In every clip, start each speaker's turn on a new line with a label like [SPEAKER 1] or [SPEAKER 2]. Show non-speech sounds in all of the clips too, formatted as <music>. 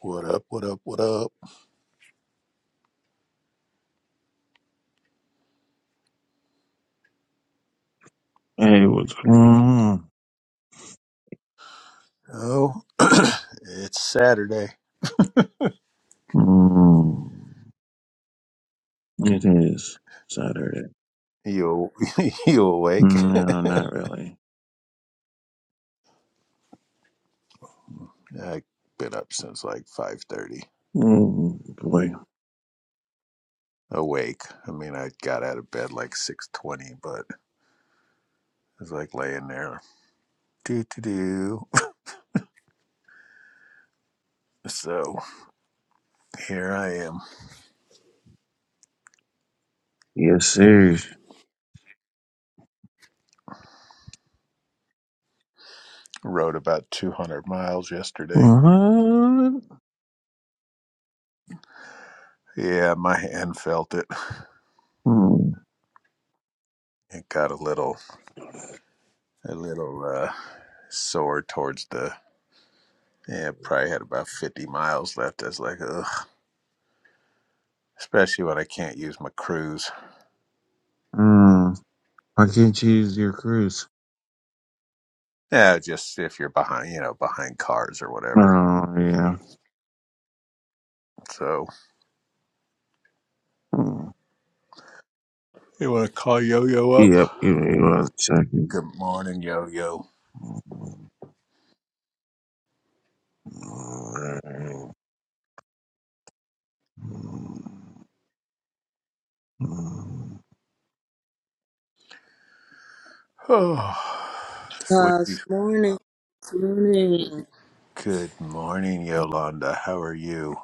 [SPEAKER 1] What up? What up? What up?
[SPEAKER 2] Hey, what's going on?
[SPEAKER 1] Oh, <clears throat> it's Saturday.
[SPEAKER 2] Mm, it is Saturday.
[SPEAKER 1] You <laughs> you awake?
[SPEAKER 2] No, not really.
[SPEAKER 1] <laughs> I've been up since like five thirty.
[SPEAKER 2] Mm, boy.
[SPEAKER 1] Awake. I mean, I got out of bed like six twenty, but I was like laying there. Do do do. <laughs> So here I am.
[SPEAKER 2] Yes, sir.
[SPEAKER 1] Rode about two hundred miles yesterday.
[SPEAKER 2] What?
[SPEAKER 1] Yeah, my hand felt it.
[SPEAKER 2] Mm,
[SPEAKER 1] It got a little a little uh, sore towards the. Yeah, probably had about fifty miles left. I was like, ugh. especially when I can't use my cruise.
[SPEAKER 2] mm. Why can't you use your cruise?
[SPEAKER 1] Yeah, just if you're behind, you know, behind cars or whatever.
[SPEAKER 2] Oh, yeah.
[SPEAKER 1] So
[SPEAKER 2] Mm.
[SPEAKER 1] you want to call Yo Yo up?
[SPEAKER 2] Yep, give me one second.
[SPEAKER 1] Good morning, Yo Yo.
[SPEAKER 2] Mm,
[SPEAKER 1] Oh, <sighs>
[SPEAKER 3] God's
[SPEAKER 1] sweet.
[SPEAKER 3] morning. Good morning.
[SPEAKER 1] Good morning, Yolanda. How are you?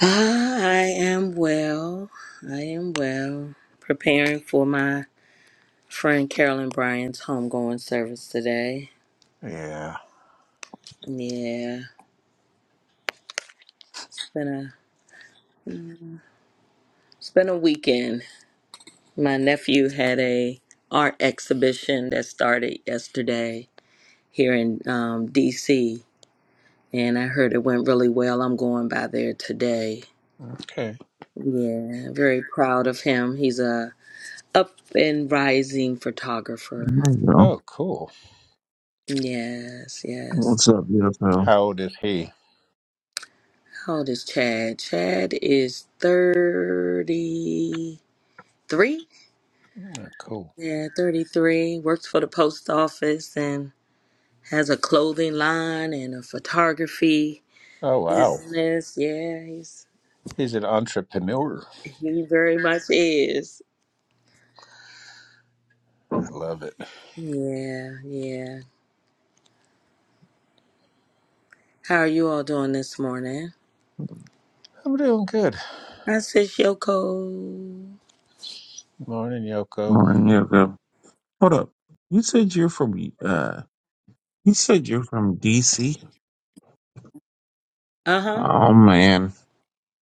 [SPEAKER 3] Ah, I am well. I am well. Preparing for my friend Carolyn Bryan's homegoing service today.
[SPEAKER 1] Yeah.
[SPEAKER 3] Yeah, it's been a it's been a weekend. My nephew had a art exhibition that started yesterday here in um, D.C. and I heard it went really well. I'm going by there today.
[SPEAKER 1] Okay.
[SPEAKER 3] Yeah, very proud of him. He's a up and rising photographer.
[SPEAKER 2] There we go.
[SPEAKER 1] Oh, cool.
[SPEAKER 3] Yes, yes.
[SPEAKER 2] What's up, Yoko?
[SPEAKER 1] How old is he?
[SPEAKER 3] How old is Chad? Chad is 33.
[SPEAKER 1] Mm, Cool.
[SPEAKER 3] Yeah, 33. Works for the post office and has a clothing line and a photography
[SPEAKER 1] Oh, wow.
[SPEAKER 3] business. Yeah, he's
[SPEAKER 1] He's an entrepreneur.
[SPEAKER 3] he very much is.
[SPEAKER 1] I love it.
[SPEAKER 3] Yeah, yeah. How are you all doing this morning?
[SPEAKER 1] I'm doing good.
[SPEAKER 3] I said Yoko.
[SPEAKER 1] Morning, Yoko.
[SPEAKER 2] Morning, Yoko. Hold up. You said you're from, uh, you said you're from DC?
[SPEAKER 3] Uh-huh.
[SPEAKER 2] Oh, man.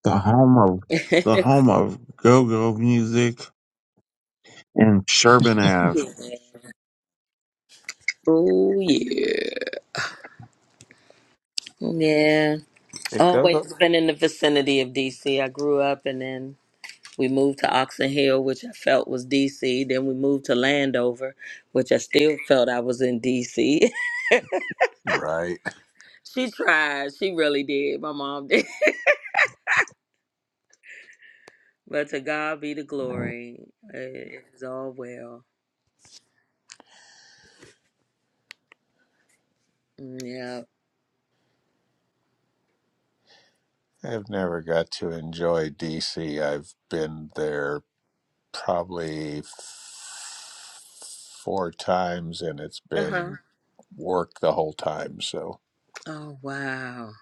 [SPEAKER 2] the home of
[SPEAKER 3] <laughs>
[SPEAKER 2] the
[SPEAKER 3] yeah.
[SPEAKER 2] home of go-go music in Sherbin Ave.
[SPEAKER 3] Oh yeah. Yeah.
[SPEAKER 1] Hey, Gogo.
[SPEAKER 3] Always been in the vicinity of DC. I grew up and then we moved to Oxon Hill, which I felt was DC. Then we moved to Landover, which I still felt I was in DC.
[SPEAKER 1] Right.
[SPEAKER 3] <laughs> she tried. She really did. My mom did. <laughs> But to God be the glory. It is all well. Yeah.
[SPEAKER 1] I've never got to enjoy DC. I've been there probably f- four times and it's
[SPEAKER 3] Uh huh.
[SPEAKER 1] been work the whole time. So,
[SPEAKER 3] Oh, wow.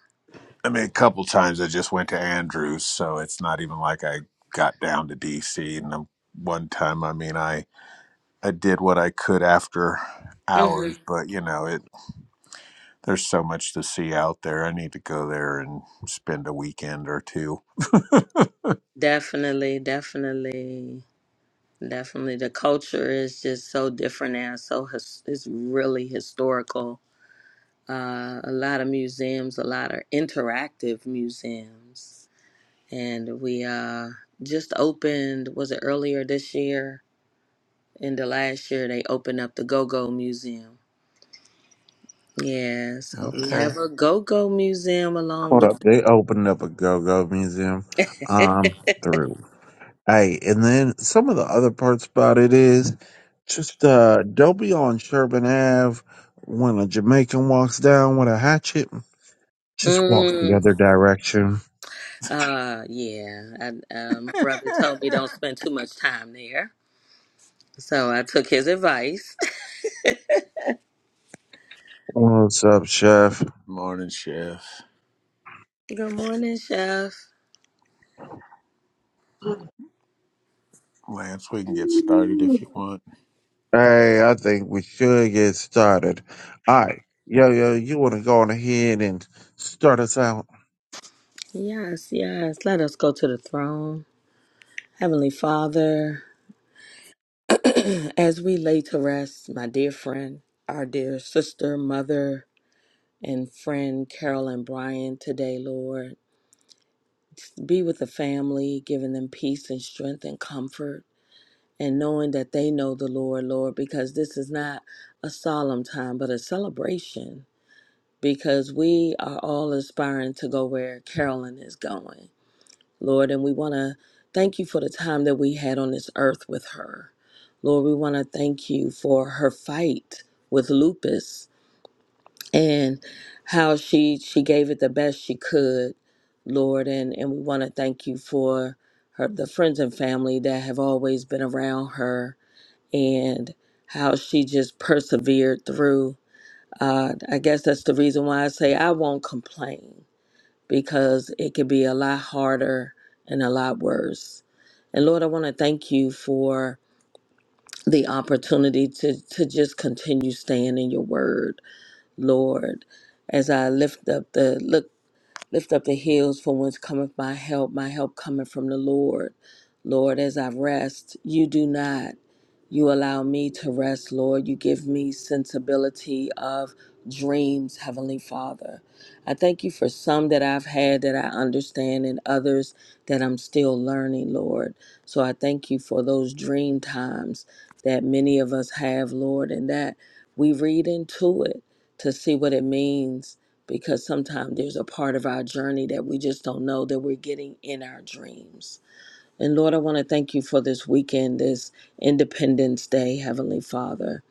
[SPEAKER 1] I mean, a couple times I just went to Andrews, so it's not even like I got down to DC. And um, one time, I mean, I I did what I could after
[SPEAKER 3] hmm
[SPEAKER 1] hours, but you know, it there's so much to see out there. I need to go there and spend a weekend or two.
[SPEAKER 3] Definitely. Definitely. Definitely. The culture is just so different now. So his- it's really historical uh, a lot of museums, a lot of interactive museums. And we uh, just opened, was it earlier this year? In the last year, they opened up the Go Go Museum. Yeah, so we have
[SPEAKER 1] Okay.
[SPEAKER 3] a Go Go Museum along
[SPEAKER 2] Hold
[SPEAKER 3] with.
[SPEAKER 2] up, they opened up a go-go museum. Um,
[SPEAKER 3] <laughs>
[SPEAKER 2] through. Hey, and then some of the other parts about it is just uh, don't be on Sherbin Ave when a Jamaican walks down with a hatchet. Just walk the
[SPEAKER 3] mm,
[SPEAKER 2] other direction.
[SPEAKER 3] uh, yeah, I, uh, my brother told me don't spend too much time there. So I took his advice.
[SPEAKER 2] What's up, Chef?
[SPEAKER 1] Morning, Chef.
[SPEAKER 3] <laughs> Good morning, Chef.
[SPEAKER 1] Lance, we can get started if you want.
[SPEAKER 2] Hey, I think we should get started. All right. Yo, yo, you want to go on ahead and start us out?
[SPEAKER 3] Yes, yes. Let us go to the throne. Heavenly Father, as we lay to rest, my dear friend, our dear sister, mother, and friend Carol and Brian today, Lord, be with the family, giving them peace and strength and comfort, and knowing that they know the Lord, Lord, because this is not a solemn time, but a celebration, because we are all aspiring to go where Carolyn is going. Lord, and we want to thank you for the time that we had on this earth with her. Lord, we want to thank you for her fight with lupus and how she she gave it the best she could, Lord, and and we want to thank you for her the friends and family that have always been around her and how she just persevered through. Uh, I guess that's the reason why I say I won't complain because it could be a lot harder and a lot worse. And Lord, I want to thank you for the opportunity to, to just continue staying in your word, Lord. As I lift up the look. Lift up the hills for whence cometh my help. My help cometh from the Lord. Lord, as I rest, you do not. You allow me to rest, Lord. You give me sensibility of dreams, Heavenly Father. I thank you for some that I've had that I understand and others that I'm still learning, Lord. So I thank you for those dream times that many of us have, Lord, and that we read into it to see what it means because sometimes there's a part of our journey that we just don't know that we're getting in our dreams. And Lord, I want to thank you for this weekend, this Independence Day, Heavenly Father,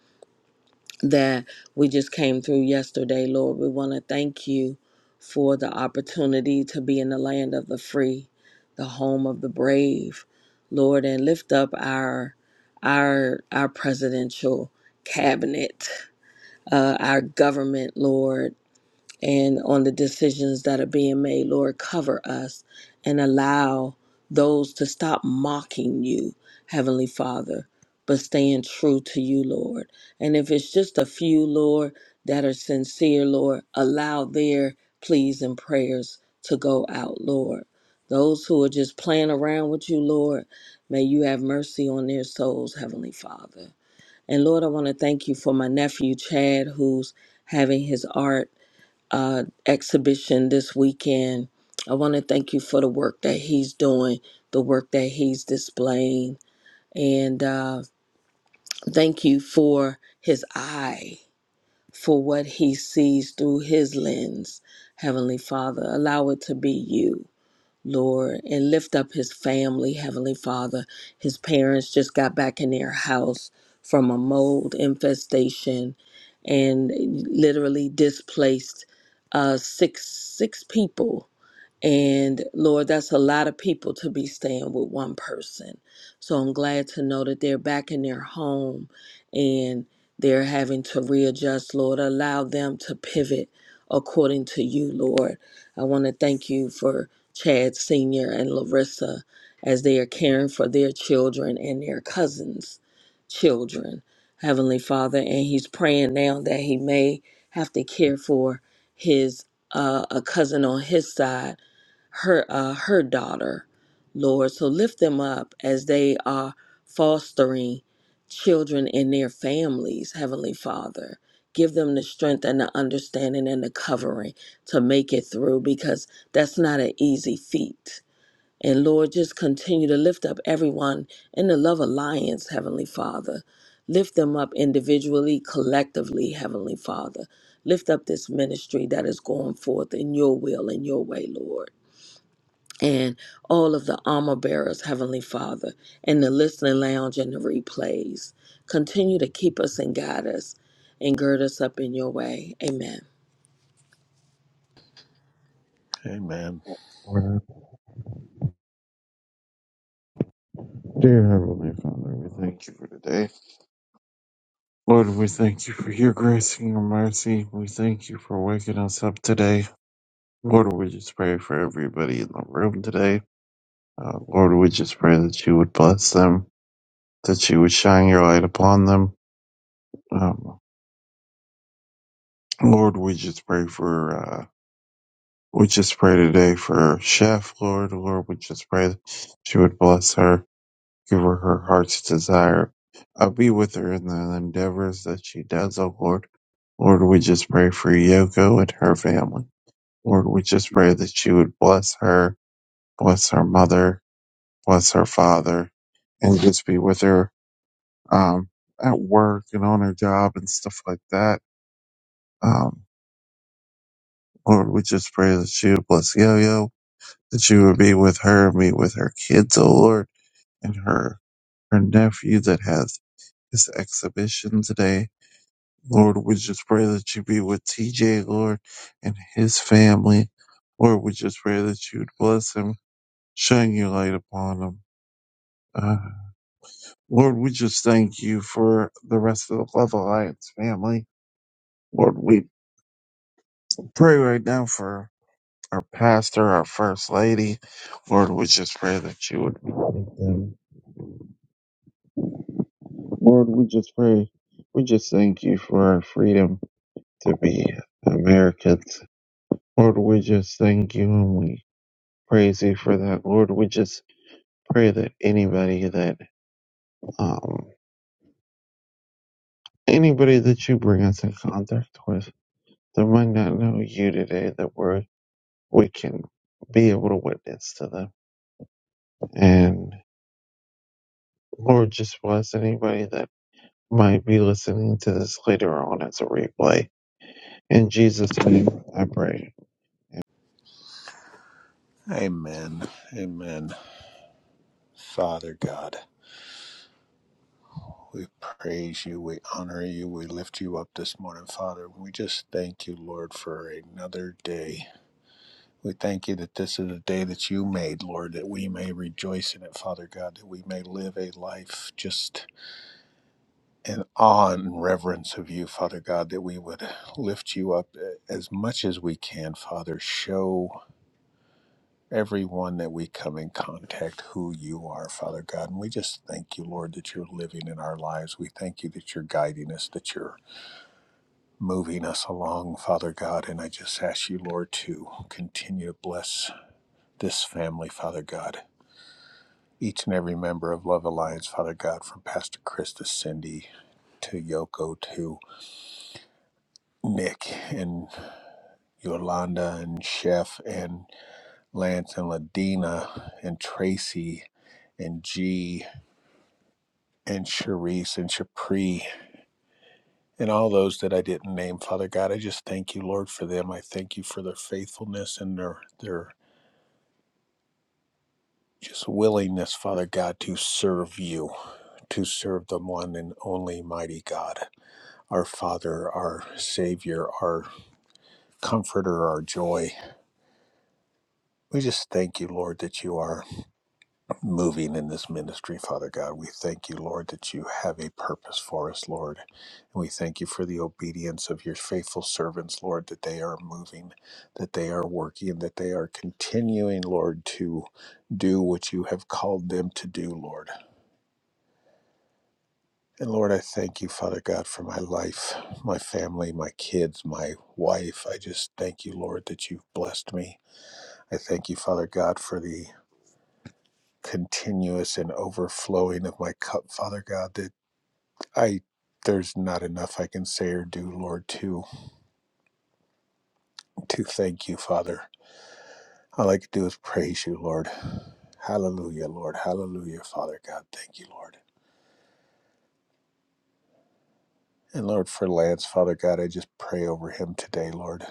[SPEAKER 3] that we just came through yesterday, Lord. We want to thank you for the opportunity to be in the land of the free, the home of the brave, Lord, and lift up our our our presidential cabinet, uh, our government, Lord and on the decisions that are being made. Lord, cover us and allow those to stop mocking you, Heavenly Father, but staying true to you, Lord. And if it's just a few, Lord, that are sincere, Lord, allow their pleas and prayers to go out, Lord. Those who are just playing around with you, Lord, may you have mercy on their souls, Heavenly Father. And Lord, I want to thank you for my nephew, Chad, who's having his art uh, exhibition this weekend. I want to thank you for the work that he's doing, the work that he's displaying, and uh, thank you for his eye, for what he sees through his lens. Heavenly Father, allow it to be you Lord, and lift up his family, Heavenly Father. His parents just got back in their house from a mold infestation and literally displaced uh, six six people and Lord, that's a lot of people to be staying with one person. So I'm glad to know that they're back in their home and they're having to readjust, Lord. Allow them to pivot according to you, Lord. I want to thank you for Chad Sr. and Larissa as they are caring for their children and their cousins' children, Heavenly Father. And he's praying now that he may have to care for his uh, a cousin on his side her uh, her daughter, Lord. So lift them up as they are fostering children in their families, Heavenly Father. Give them the strength and the understanding and the covering to make it through because that's not an easy feat. And Lord, just continue to lift up everyone in the Love Alliance, Heavenly Father. Lift them up individually, collectively, Heavenly Father. Lift up this ministry that is going forth in your will and your way, Lord and all of the armor bearers, Heavenly Father, and the listening lounge and the replays. Continue to keep us and guide us and gird us up in your way. Amen.
[SPEAKER 1] Amen.
[SPEAKER 2] Well, Dear Heavenly Father, we thank you for today. Lord, we thank you for your grace and your mercy. We thank you for waking us up today. Lord, we just pray for everybody in the room today. Uh, Lord, we just pray that you would bless them, that you would shine your light upon them. Um, Lord, we just pray for uh, We just pray today for Chef, Lord. Lord, we just pray that you would bless her, give her her heart's desire. I'll be with her in the endeavors that she does, oh Lord. Lord, we just pray for Yoko and her family. Lord, we just pray that you would bless her, bless her mother, bless her father, and just be with her um, at work and on her job and stuff like that. Um, Lord, we just pray that you would bless Yo-Yo that you would be with her, and be with her kids, O Lord, and her her nephew that has this exhibition today. Lord, we just pray that you be with TJ, Lord, and his family. Lord, we just pray that you would bless him, shine your light upon him. Uh, Lord, we just thank you for the rest of the Love Alliance family. Lord, we pray right now for our pastor, our first lady. Lord, we just pray that you would be with them Lord, we just pray. We just thank you for our freedom to be Americans. Lord, we just thank you and we praise you for that. Lord, we just pray that anybody that, um, anybody that you bring us in contact with that might not know you today, that we're, we can be able to witness to them. And Lord, just bless anybody that might be listening to this later on as a replay. In Jesus' name, I pray.
[SPEAKER 1] Amen. Amen. Father God, we praise you, we honor you, we lift you up this morning, Father. We just thank you, Lord, for another day. We thank you that this is a day that you made, Lord, that we may rejoice in it, Father God, that we may live a life just in awe and reverence of you, Father God, that we would lift you up as much as we can, Father. Show everyone that we come in contact who you are, Father God. And we just thank you, Lord, that you're living in our lives. We thank you that you're guiding us, that you're moving us along, Father God. And I just ask you, Lord, to continue to bless this family, Father God. Each and every member of Love Alliance, Father God, from Pastor Chris to Cindy to Yoko to Nick and Yolanda and Chef and Lance and Ladina and Tracy and G and Charisse and Chapri and all those that I didn't name, Father God, I just thank you, Lord, for them. I thank you for their faithfulness and their their just willingness, Father God, to serve you, to serve the one and only mighty God, our Father, our Savior, our Comforter, our joy. We just thank you, Lord, that you are. moving in this ministry, Father God. We thank you, Lord, that you have a purpose for us, Lord. And we thank you for the obedience of your faithful servants, Lord, that they are moving, that they are working, that they are continuing, Lord, to do what you have called them to do, Lord. And Lord, I thank you, Father God, for my life, my family, my kids, my wife. I just thank you, Lord, that you've blessed me. I thank you, Father God, for the continuous and overflowing of my cup, Father God. I there's not enough I can say or do, Lord, to to thank you, Father. All I can do is praise you, Lord. Hallelujah, Lord. Hallelujah, Father God. Thank you, Lord. And Lord, for Lance, Father God, I just pray over him today, Lord.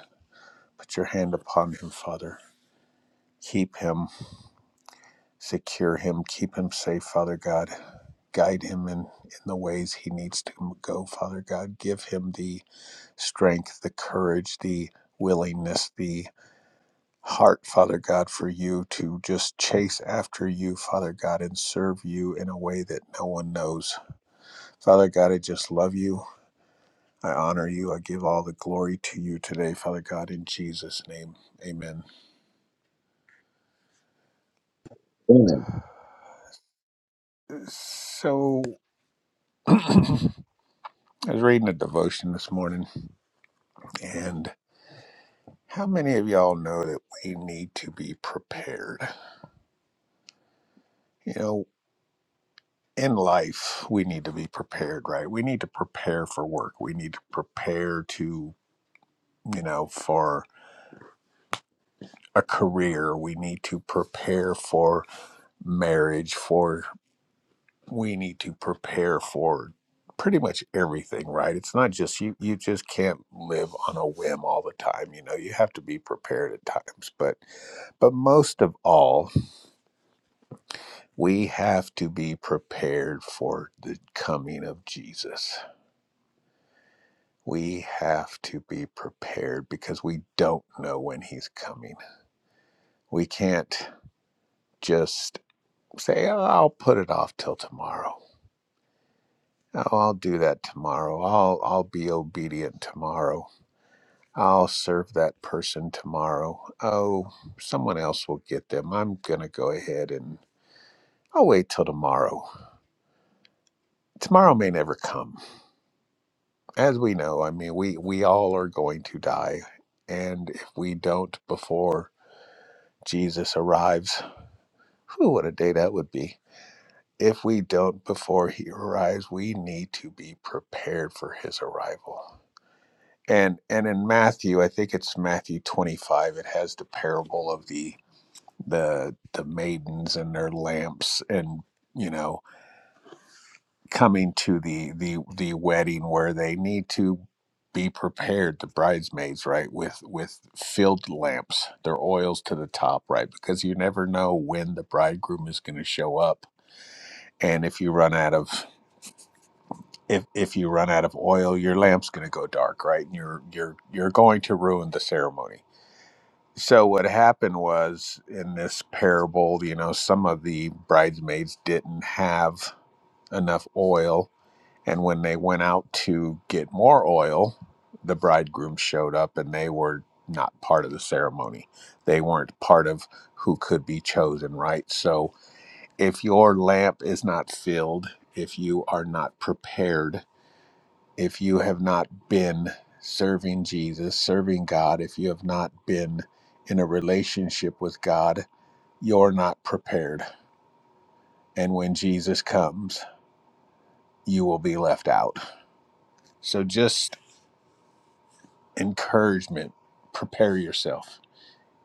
[SPEAKER 1] Put your hand upon him, Father. Keep him, secure him, keep him safe, Father God. Guide him in, in the ways he needs to go, Father God. Give him the strength, the courage, the willingness, the heart, Father God, for you to just chase after you, Father God, and serve you in a way that no one knows. Father God, I just love you. I honor you. I give all the glory to you today, Father God, in Jesus' name. Amen. So I was reading a devotion this morning, and how many of y'all know that we need to be prepared? You know, in life, we need to be prepared, right? We need to prepare for work. We need to prepare to, you know, for a career. We need to prepare for marriage, for we need to prepare for pretty much everything, right? It's not just you you just can't live on a whim all the time, you know. You have to be prepared at times, but but most of all, we have to be prepared for the coming of Jesus. We have to be prepared because we don't know when he's coming. We can't just say, oh, I'll put it off till tomorrow Oh, I'll do that tomorrow. I'll I'll be obedient tomorrow. I'll serve that person tomorrow. Oh, someone else will get them. I'm gonna go ahead and I'll wait till tomorrow. Tomorrow may never come. As we know, I mean we, we all are going to die. And if we don't before Jesus arrives, whew, what a day that would be. If we don't before he arrives, we need to be prepared for his arrival. and and in Matthew, I think it's Matthew 25. It has the parable of the the the maidens and their lamps, and you know, coming to the the the wedding where they need to be prepared. The bridesmaids, right, with with filled lamps, their oils to the top, right, because you never know when the bridegroom is going to show up, and if you run out of if, if you run out of oil, your lamp's going to go dark, right? And you're you're you're going to ruin the ceremony So what happened was in this parable, you know, some of the bridesmaids didn't have enough oil, and when they went out to get more oil, the bridegroom showed up and they were not part of the ceremony. They weren't part of who could be chosen, right? So if your lamp is not filled, if you are not prepared if you have not been serving Jesus, serving God, if you have not been in a relationship with God, you're not prepared. And when Jesus comes, you will be left out. So just encouragement, prepare yourself.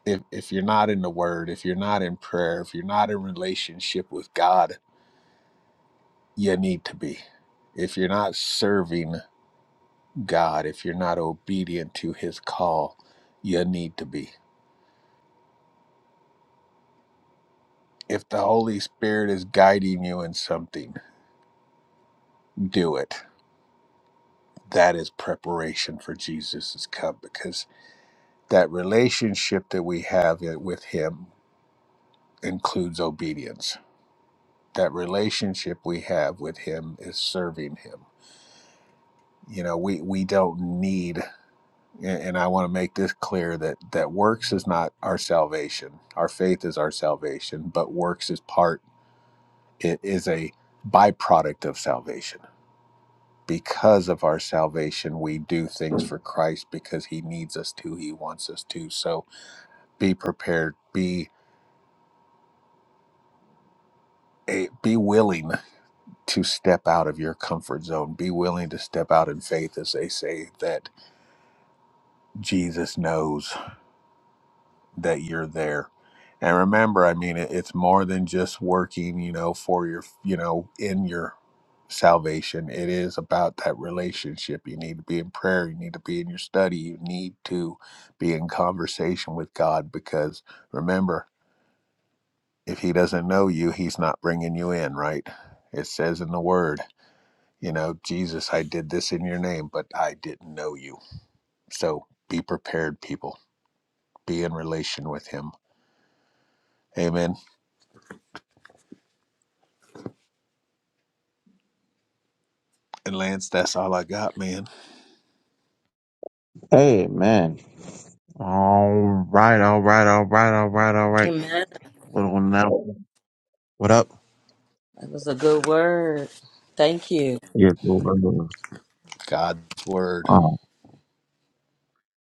[SPEAKER 1] If, if you're not in the word, if you're not in prayer, if you're not in relationship with God, you need to be. If you're not serving God, if you're not obedient to his call, you need to be If the Holy Spirit is guiding you in something, do it. That is preparation for Jesus' come because that relationship that we have eh, with Him includes obedience. That relationship we have with Him is serving Him. You know, we, we don't need, and and I want to make this clear that, that works is not our salvation. Our faith is our salvation, but works is part, it is a byproduct of salvation because of our salvation, we do things for Christ because He needs us to. He wants us to. So be prepared. Be a, be willing to step out of your comfort zone. Be willing to step out in faith, as they say that Jesus knows. that you're there. And remember, I mean, it, it's more than just working, you know, for your, you know, in your salvation. It is about that relationship. You need to be in prayer. You need to be in your study. You need to be in conversation with God because remember, if He doesn't know you, He's not bringing you in, right? It says in the Word, you know, Jesus, I did this in your name, but I didn't know you. So be prepared, people. Be in relation with Him. Amen. And Lance, that's all I got, man.
[SPEAKER 2] Amen. All right, all right, all right, all right, all right.
[SPEAKER 3] Amen.
[SPEAKER 2] What on now? What up?
[SPEAKER 3] That was a good word. Thank you.
[SPEAKER 2] Yes, Lord.
[SPEAKER 1] God's word.
[SPEAKER 2] Oh,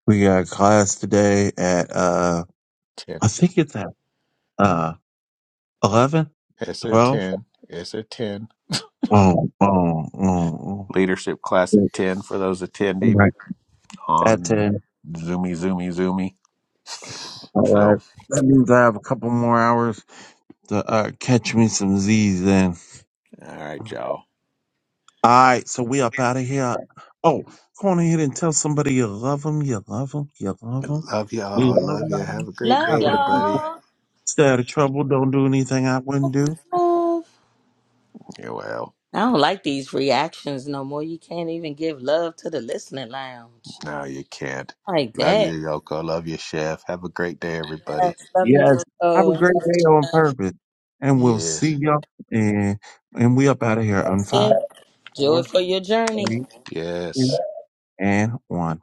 [SPEAKER 2] we got class today at uh,
[SPEAKER 1] 10.
[SPEAKER 2] I think it's at uh, 11,
[SPEAKER 1] It's a
[SPEAKER 2] 12.
[SPEAKER 1] 10. It's a 10.
[SPEAKER 2] Oh, oh, oh, oh.
[SPEAKER 1] Leadership class at 10 for those attending
[SPEAKER 2] right, at
[SPEAKER 1] on
[SPEAKER 2] 10.
[SPEAKER 1] Zoomy, Zoomy, Zoomy.
[SPEAKER 2] All
[SPEAKER 1] So,
[SPEAKER 2] right. That means I have a couple more hours to uh, catch me some Z's then.
[SPEAKER 1] all right, y'all.
[SPEAKER 2] All right, so we up out of here. Oh, go on ahead and tell somebody you love them, you love them, you love them,
[SPEAKER 1] Love
[SPEAKER 2] you
[SPEAKER 1] y'all.
[SPEAKER 2] love
[SPEAKER 1] Love you.
[SPEAKER 2] them.
[SPEAKER 1] Have a great
[SPEAKER 3] Love
[SPEAKER 1] day,
[SPEAKER 2] Have a-
[SPEAKER 1] everybody.
[SPEAKER 3] y'all.
[SPEAKER 2] Stay out of trouble. Don't do anything I
[SPEAKER 3] So
[SPEAKER 2] wouldn't
[SPEAKER 3] much
[SPEAKER 2] do.
[SPEAKER 3] Love.
[SPEAKER 1] Yeah, well,
[SPEAKER 3] I don't like these reactions no more. You can't even give love to the listening lounge.
[SPEAKER 1] no, you can't.
[SPEAKER 3] Like
[SPEAKER 1] Love you,
[SPEAKER 3] that.
[SPEAKER 1] Yoko. Love you, Chef. Have a great day, everybody.
[SPEAKER 3] Yes, love you.
[SPEAKER 2] Yes. Have a
[SPEAKER 3] Oh,
[SPEAKER 2] great day on purpose. And we'll see
[SPEAKER 1] Yes.
[SPEAKER 2] y'all. And, and we up out of here on
[SPEAKER 3] that's
[SPEAKER 2] five,
[SPEAKER 3] it. Joy
[SPEAKER 2] four,
[SPEAKER 3] for your journey.
[SPEAKER 2] three, two,
[SPEAKER 1] Yes.
[SPEAKER 2] and one.